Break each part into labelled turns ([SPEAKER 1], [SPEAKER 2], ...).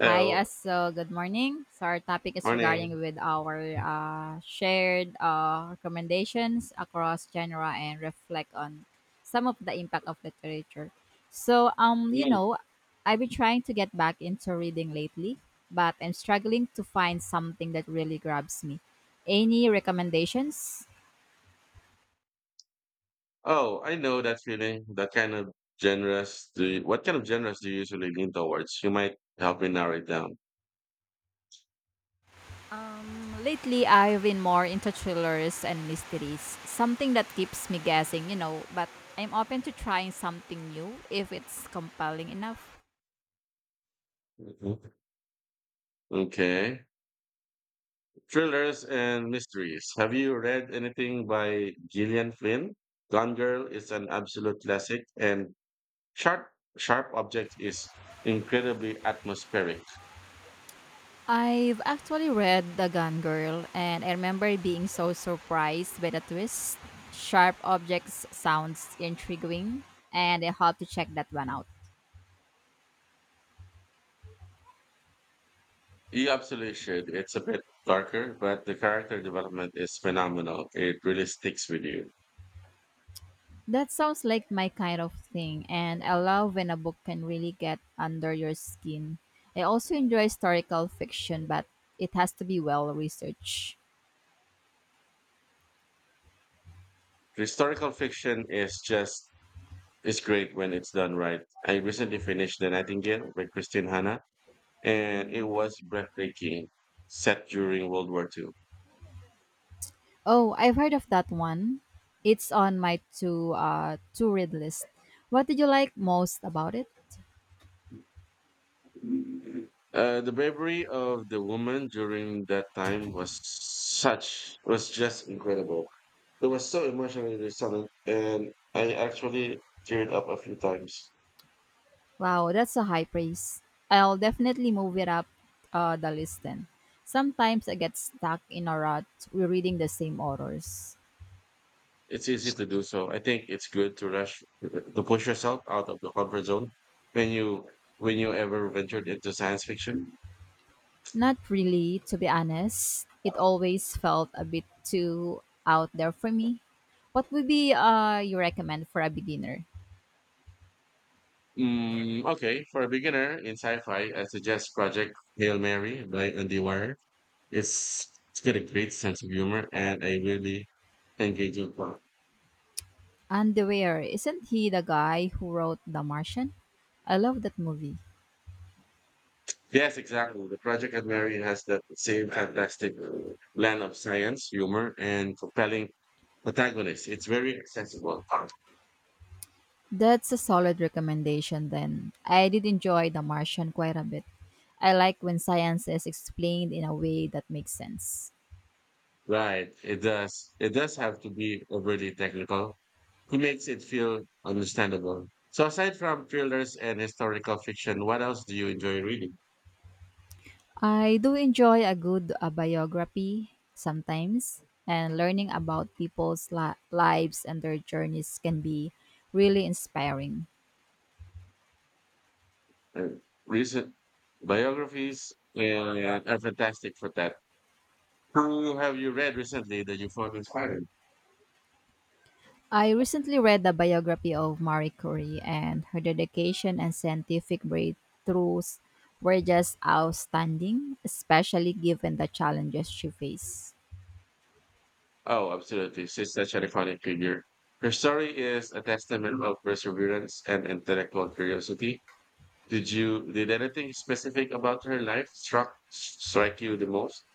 [SPEAKER 1] Hi, as so good morning. So our topic is regarding
[SPEAKER 2] morning.
[SPEAKER 1] with our shared recommendations across genre and reflect on some of the impact of literature. So um, you
[SPEAKER 2] Mm.
[SPEAKER 1] know, I've been trying to get back into reading lately, but I'm struggling to find something that really grabs me. Any recommendations?
[SPEAKER 2] Oh, I know that feeling. That kind of genres. Do you, what kind of genres do you usually lean towards? You might help me narrow it down.
[SPEAKER 1] Lately, I've been more into thrillers and mysteries, something that keeps me guessing, you know, but I'm open to trying something new if it's compelling enough.
[SPEAKER 2] Mhm. Okay. Thrillers and mysteries. Have you read anything by Gillian Flynn? Gone Girl is an absolute classic, and Sharp Sharp Object is incredibly atmospheric.
[SPEAKER 1] I've actually read The Gun Girl, and I remember being so surprised by the twist. Sharp objects sounds intriguing, and I have to check that one out.
[SPEAKER 2] You absolutely should. It's a bit darker, but the character development is phenomenal. It really sticks with you.
[SPEAKER 1] That sounds like my kind of thing, and I love when a book can really get under your skin. I also enjoy historical fiction, but it has to be well researched.
[SPEAKER 2] Historical fiction is great when it's done right. I recently finished The Nightingale by Christine Hanna, and it was breathtaking, set during World War Two.
[SPEAKER 1] Oh, I've heard of that one. It's on my to read list. What did you like most about it?
[SPEAKER 2] The bravery of the woman during that time was just incredible. It was so emotionally resonant, and I actually teared up a few times.
[SPEAKER 1] Wow, that's a high praise. I'll definitely move it up the list then. Sometimes I get stuck in a rut rereading the same authors.
[SPEAKER 2] It's easy to do so. I think it's good to rush to push yourself out of the comfort zone when you when you ever ventured into science fiction.
[SPEAKER 1] Not really, to be honest. It always felt a bit too out there for me. What would be you recommend for a beginner?
[SPEAKER 2] Okay, for a beginner in sci-fi, I suggest Project Hail Mary by Andy Wire. It's got a great sense of humor and a really engaging plot.
[SPEAKER 1] And the Weir, isn't he the guy who wrote The Martian? I love that movie.
[SPEAKER 2] Yes, exactly. The Project Hail Mary has that same fantastic blend of science, humor, and compelling protagonist. It's very accessible.
[SPEAKER 1] That's a solid recommendation then. I did enjoy The Martian quite a bit. I like when science is explained in a way that makes sense.
[SPEAKER 2] Right. It does. It does have to be overly technical. He makes it feel understandable. So aside from thrillers and historical fiction, what else do you enjoy reading?
[SPEAKER 1] I do enjoy a good biography sometimes, and learning about people's lives and their journeys can be really inspiring.
[SPEAKER 2] Uh, recent biographies are fantastic for that. Who have you read recently that you found inspiring?
[SPEAKER 1] I recently read the biography of Marie Curie, and her dedication and scientific breakthroughs were just outstanding, especially given the challenges she faced.
[SPEAKER 2] Oh, absolutely. She's such an iconic figure. Her story is a testament of perseverance and intellectual curiosity. Did anything specific about her life struck strike you the most?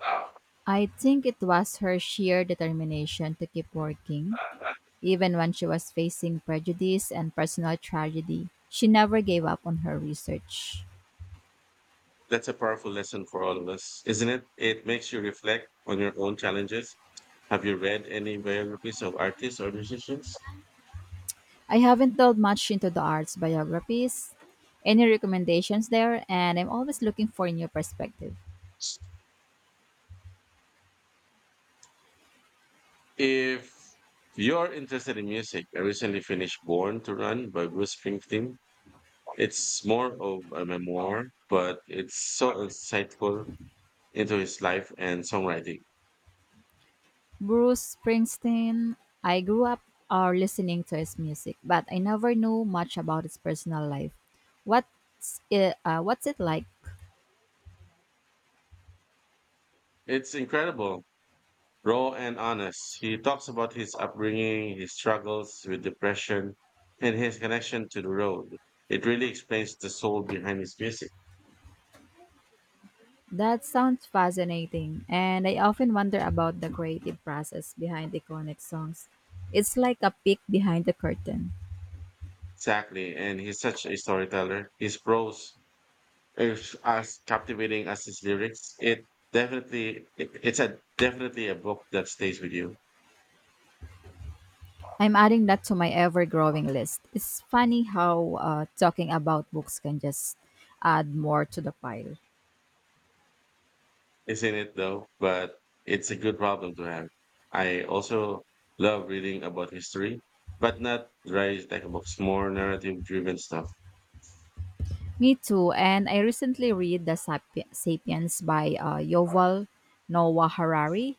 [SPEAKER 2] Wow.
[SPEAKER 1] I think it was her sheer determination to keep working even when she was facing prejudice and personal tragedy. She never gave up on her research.
[SPEAKER 2] That's a powerful lesson for all of us, isn't it? It makes you reflect on your own challenges. Have you read any biographies of artists or musicians?
[SPEAKER 1] I haven't delved much into the arts biographies. Any recommendations there? And I'm always looking for a new perspective.
[SPEAKER 2] If you're interested in music, I recently finished Born to Run by Bruce Springsteen. It's more of a memoir, but it's so insightful into his life and songwriting.
[SPEAKER 1] Bruce Springsteen, I grew up listening to his music, but I never knew much about his personal life. What's it like?
[SPEAKER 2] It's incredible raw and honest. He talks about his upbringing, his struggles with depression, and his connection to the road. It really explains the soul behind his music.
[SPEAKER 1] That sounds fascinating, and I often wonder about the creative process behind iconic songs. It's like a peek behind the curtain.
[SPEAKER 2] Exactly, and he's such a storyteller. His prose is as captivating as his lyrics. It definitely, it- it's a definitely a book that stays with you,
[SPEAKER 1] I'm adding that to my ever growing list. It's funny how talking about books can just add more to the pile.
[SPEAKER 2] isn't it? But it's a good problem to have. I also love reading about history, but not dry textbooks, more narrative-driven stuff.
[SPEAKER 1] Me too, and I recently read Sapiens by Yoval Noah Harari,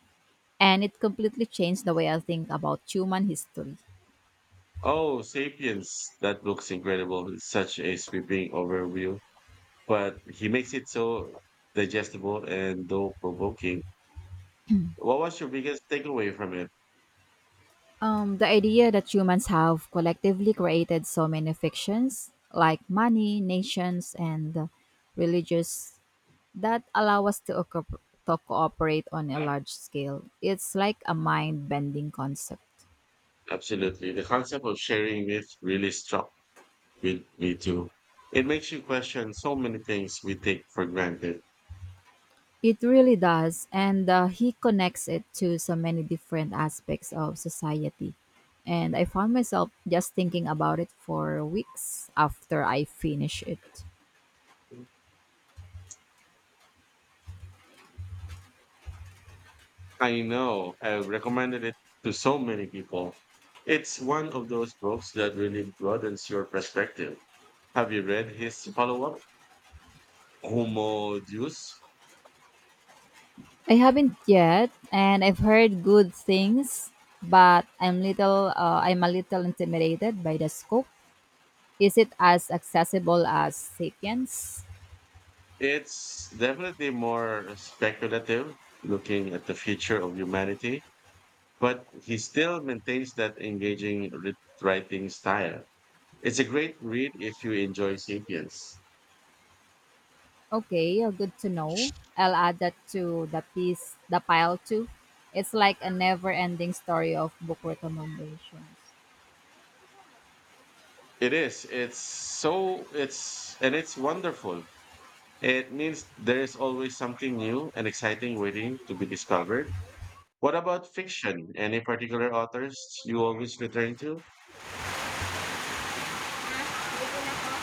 [SPEAKER 1] and it completely changed the way I think about human history.
[SPEAKER 2] Oh, Sapiens. That looks incredible. It's such a sweeping overview, but he makes it so digestible and though provoking. What was your biggest takeaway from it?
[SPEAKER 1] The idea that humans have collectively created so many fictions, like money, nations, and religious, that allow us to cooperate on a large scale. It's like a mind bending concept.
[SPEAKER 2] Absolutely. The concept of sharing myth really struck me too. It makes you question so many things we take for granted.
[SPEAKER 1] It really does, and he connects it to so many different aspects of society. And I found myself just thinking about it for weeks after I finished it.
[SPEAKER 2] I know I've recommended it to so many people. It's one of those books that really broadens your perspective. Have you read his follow up, Homo Deus?
[SPEAKER 1] I haven't yet, and I've heard good things, but I'm a little intimidated by the scope. Is it as accessible as *Sapiens*?
[SPEAKER 2] It's definitely more speculative looking at the future of humanity, but he still maintains that engaging writing style. It's a great read if you enjoy Sapiens.
[SPEAKER 1] Okay, good to know. I'll add that to the pile too. It's like a never-ending story of book recommendations.
[SPEAKER 2] It is. It's wonderful. It means there is always something new and exciting waiting to be discovered. What about fiction? Any particular authors you always return to?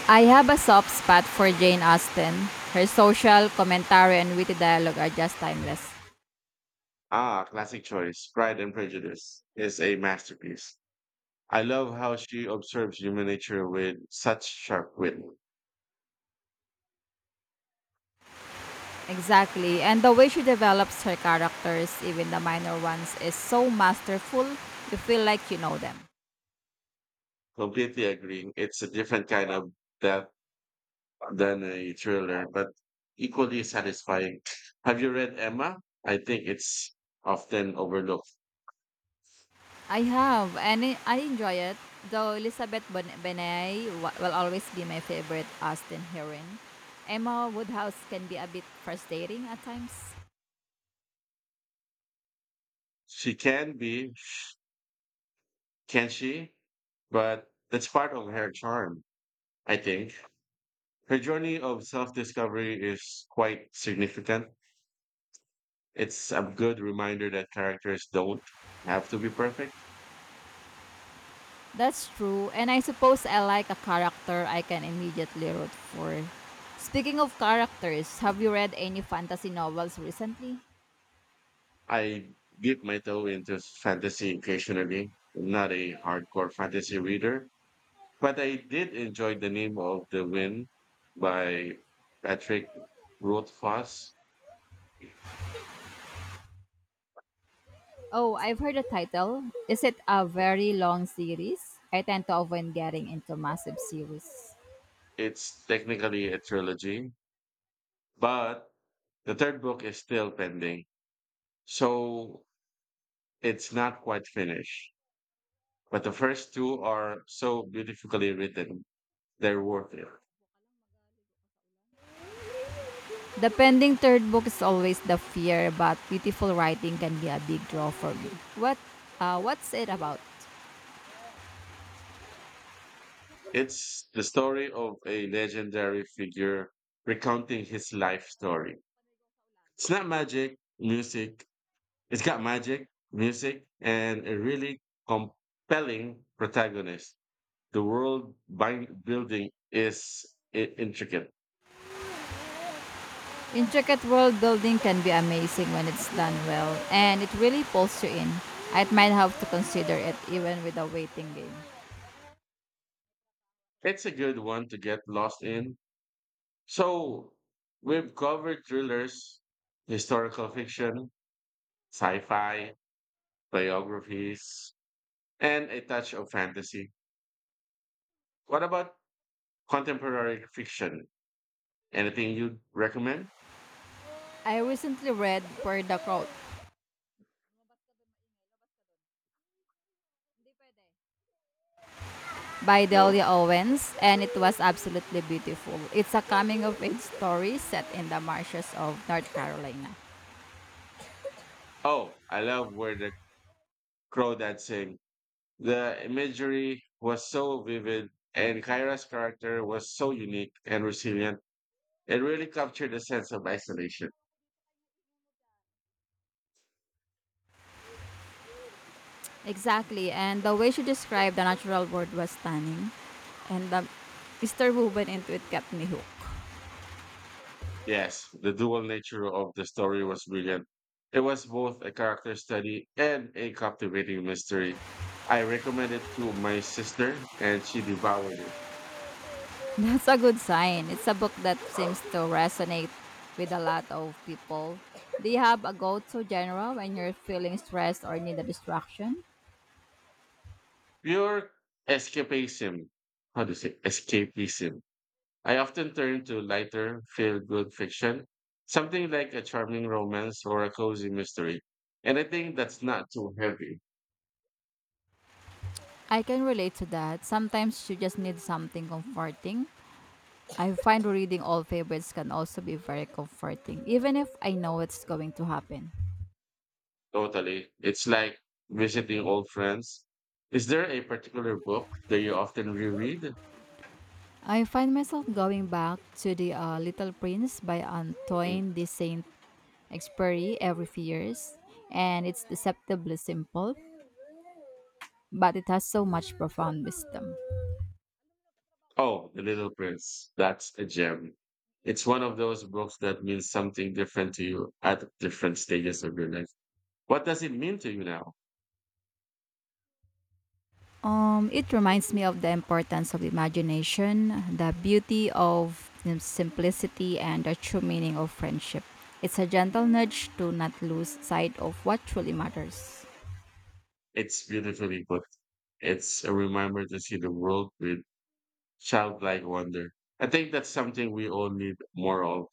[SPEAKER 1] I have a soft spot for Jane Austen. Her social commentary and witty dialogue are just timeless.
[SPEAKER 2] Ah, classic choice. Pride and Prejudice is a masterpiece. I love how she observes human nature with such sharp wit.
[SPEAKER 1] Exactly. And the way she develops her characters, even the minor ones, is so masterful, you feel like you know them.
[SPEAKER 2] Completely agreeing. It's a different kind of death than a thriller, but equally satisfying. Have you read Emma? I think it's often overlooked.
[SPEAKER 1] I have, and I enjoy it. Though Elizabeth Benay will always be my favorite Austin heroine. Emma Woodhouse can be a bit frustrating at times.
[SPEAKER 2] She can be, can she? But that's part of her charm, I think. Her journey of self discovery is quite significant. It's a good reminder that characters don't have to be perfect.
[SPEAKER 1] That's true, and I suppose I like a character I can immediately root for. Speaking of characters, have you read any fantasy novels recently?
[SPEAKER 2] I dip my toe into fantasy occasionally. I'm not a hardcore fantasy reader, but I did enjoy The Name of the Wind by Patrick Rothfuss.
[SPEAKER 1] Oh, I've heard the title. Is it a very long series? I tend to avoid getting into massive series.
[SPEAKER 2] It's technically a trilogy, but the third book is still pending. So it's not quite finished. But the first two are so beautifully written, they're worth it.
[SPEAKER 1] The pending third book is always the fear, but beautiful writing can be a big draw for me. What's it about?
[SPEAKER 2] It's the story of a legendary figure recounting his life story. It's not magic music. It's got magic music and a really compelling protagonist. The world building is intricate.
[SPEAKER 1] Intricate world building can be amazing when it's done well, and it really pulls you in. I might have to consider it even with a waiting game.
[SPEAKER 2] It's a good one to get lost in. So we've covered thrillers, historical fiction, sci-fi, biographies, and a touch of fantasy. What about contemporary fiction? Anything you'd recommend?
[SPEAKER 1] I recently read Where the Crowd by Delia
[SPEAKER 2] No.
[SPEAKER 1] Owens, and it was absolutely beautiful. It's a coming of age story set in the marshes of North Carolina.
[SPEAKER 2] Oh, I love where the crow that sing. The imagery was so vivid, and Kyra's character was so unique and resilient. It really captured the sense of isolation.
[SPEAKER 1] Exactly, and the way she described the natural world was stunning, and the Mr. went into it kept me hooked.
[SPEAKER 2] Yes, the dual nature of the story was brilliant. It was both a character study and a captivating mystery. I recommended it to my sister, and she devoured it.
[SPEAKER 1] That's a good sign. It's a book that seems to resonate with a lot of people. Do you have a go to genre when you're feeling stressed or need a distraction?
[SPEAKER 2] Pure escapism. How do you say escapism? I often turn to lighter, feel good fiction, something like a charming romance or a cozy mystery. And I think that's not too heavy.
[SPEAKER 1] I can relate to that. Sometimes you just need something comforting. I find reading old favorites can also be very comforting, even if I know it's going to happen.
[SPEAKER 2] Totally. It's like visiting old friends. Is there a particular book that you often reread?
[SPEAKER 1] I find myself going back to the Little Prince by
[SPEAKER 2] Mm.
[SPEAKER 1] Antoine de Saint Exupéry every few years, and it's deceptively simple, but it has so much profound wisdom.
[SPEAKER 2] Oh, The Little Prince. That's a gem. It's one of those books that means something different to you at different stages of your life. What does it mean to you now?
[SPEAKER 1] It reminds me of the importance of imagination, the beauty of simplicity, and the true meaning of friendship. It's a gentle nudge to not lose sight of what truly matters.
[SPEAKER 2] It's beautifully put. It's a reminder to see the world with childlike wonder. I think that's something we all need more of.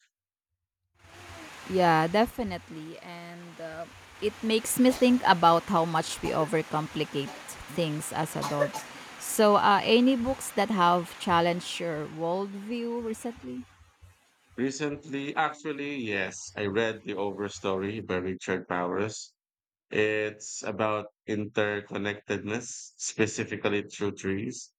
[SPEAKER 1] Yeah, definitely. And it makes me think about how much we overcomplicate things as adults. So, any books that have challenged your worldview recently?
[SPEAKER 2] Recently, actually, yes, I read The Overstory by Richard Powers. It's about interconnectedness, specifically through trees.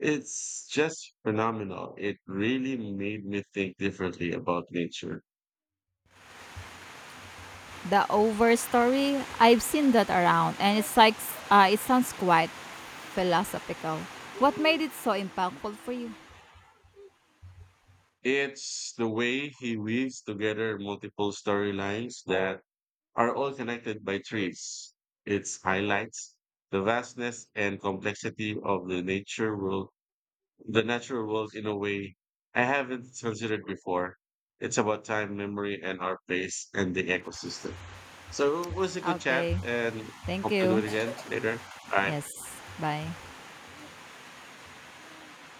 [SPEAKER 2] It's just phenomenal. It really made me think differently about nature.
[SPEAKER 1] The Over Story, I've seen that around, and it's like it sounds quite philosophical. What made it so impactful for you?
[SPEAKER 2] It's the way he weaves together multiple storylines that are all connected by trees. Its highlights the vastness and complexity of the nature world, the natural world in a way I haven't considered before. It's about time, memory, and our place and the ecosystem. So it was a good chat,
[SPEAKER 1] Okay,
[SPEAKER 2] and
[SPEAKER 1] thank
[SPEAKER 2] hope to do
[SPEAKER 1] you.
[SPEAKER 2] it again later. Bye.
[SPEAKER 1] Yes, bye.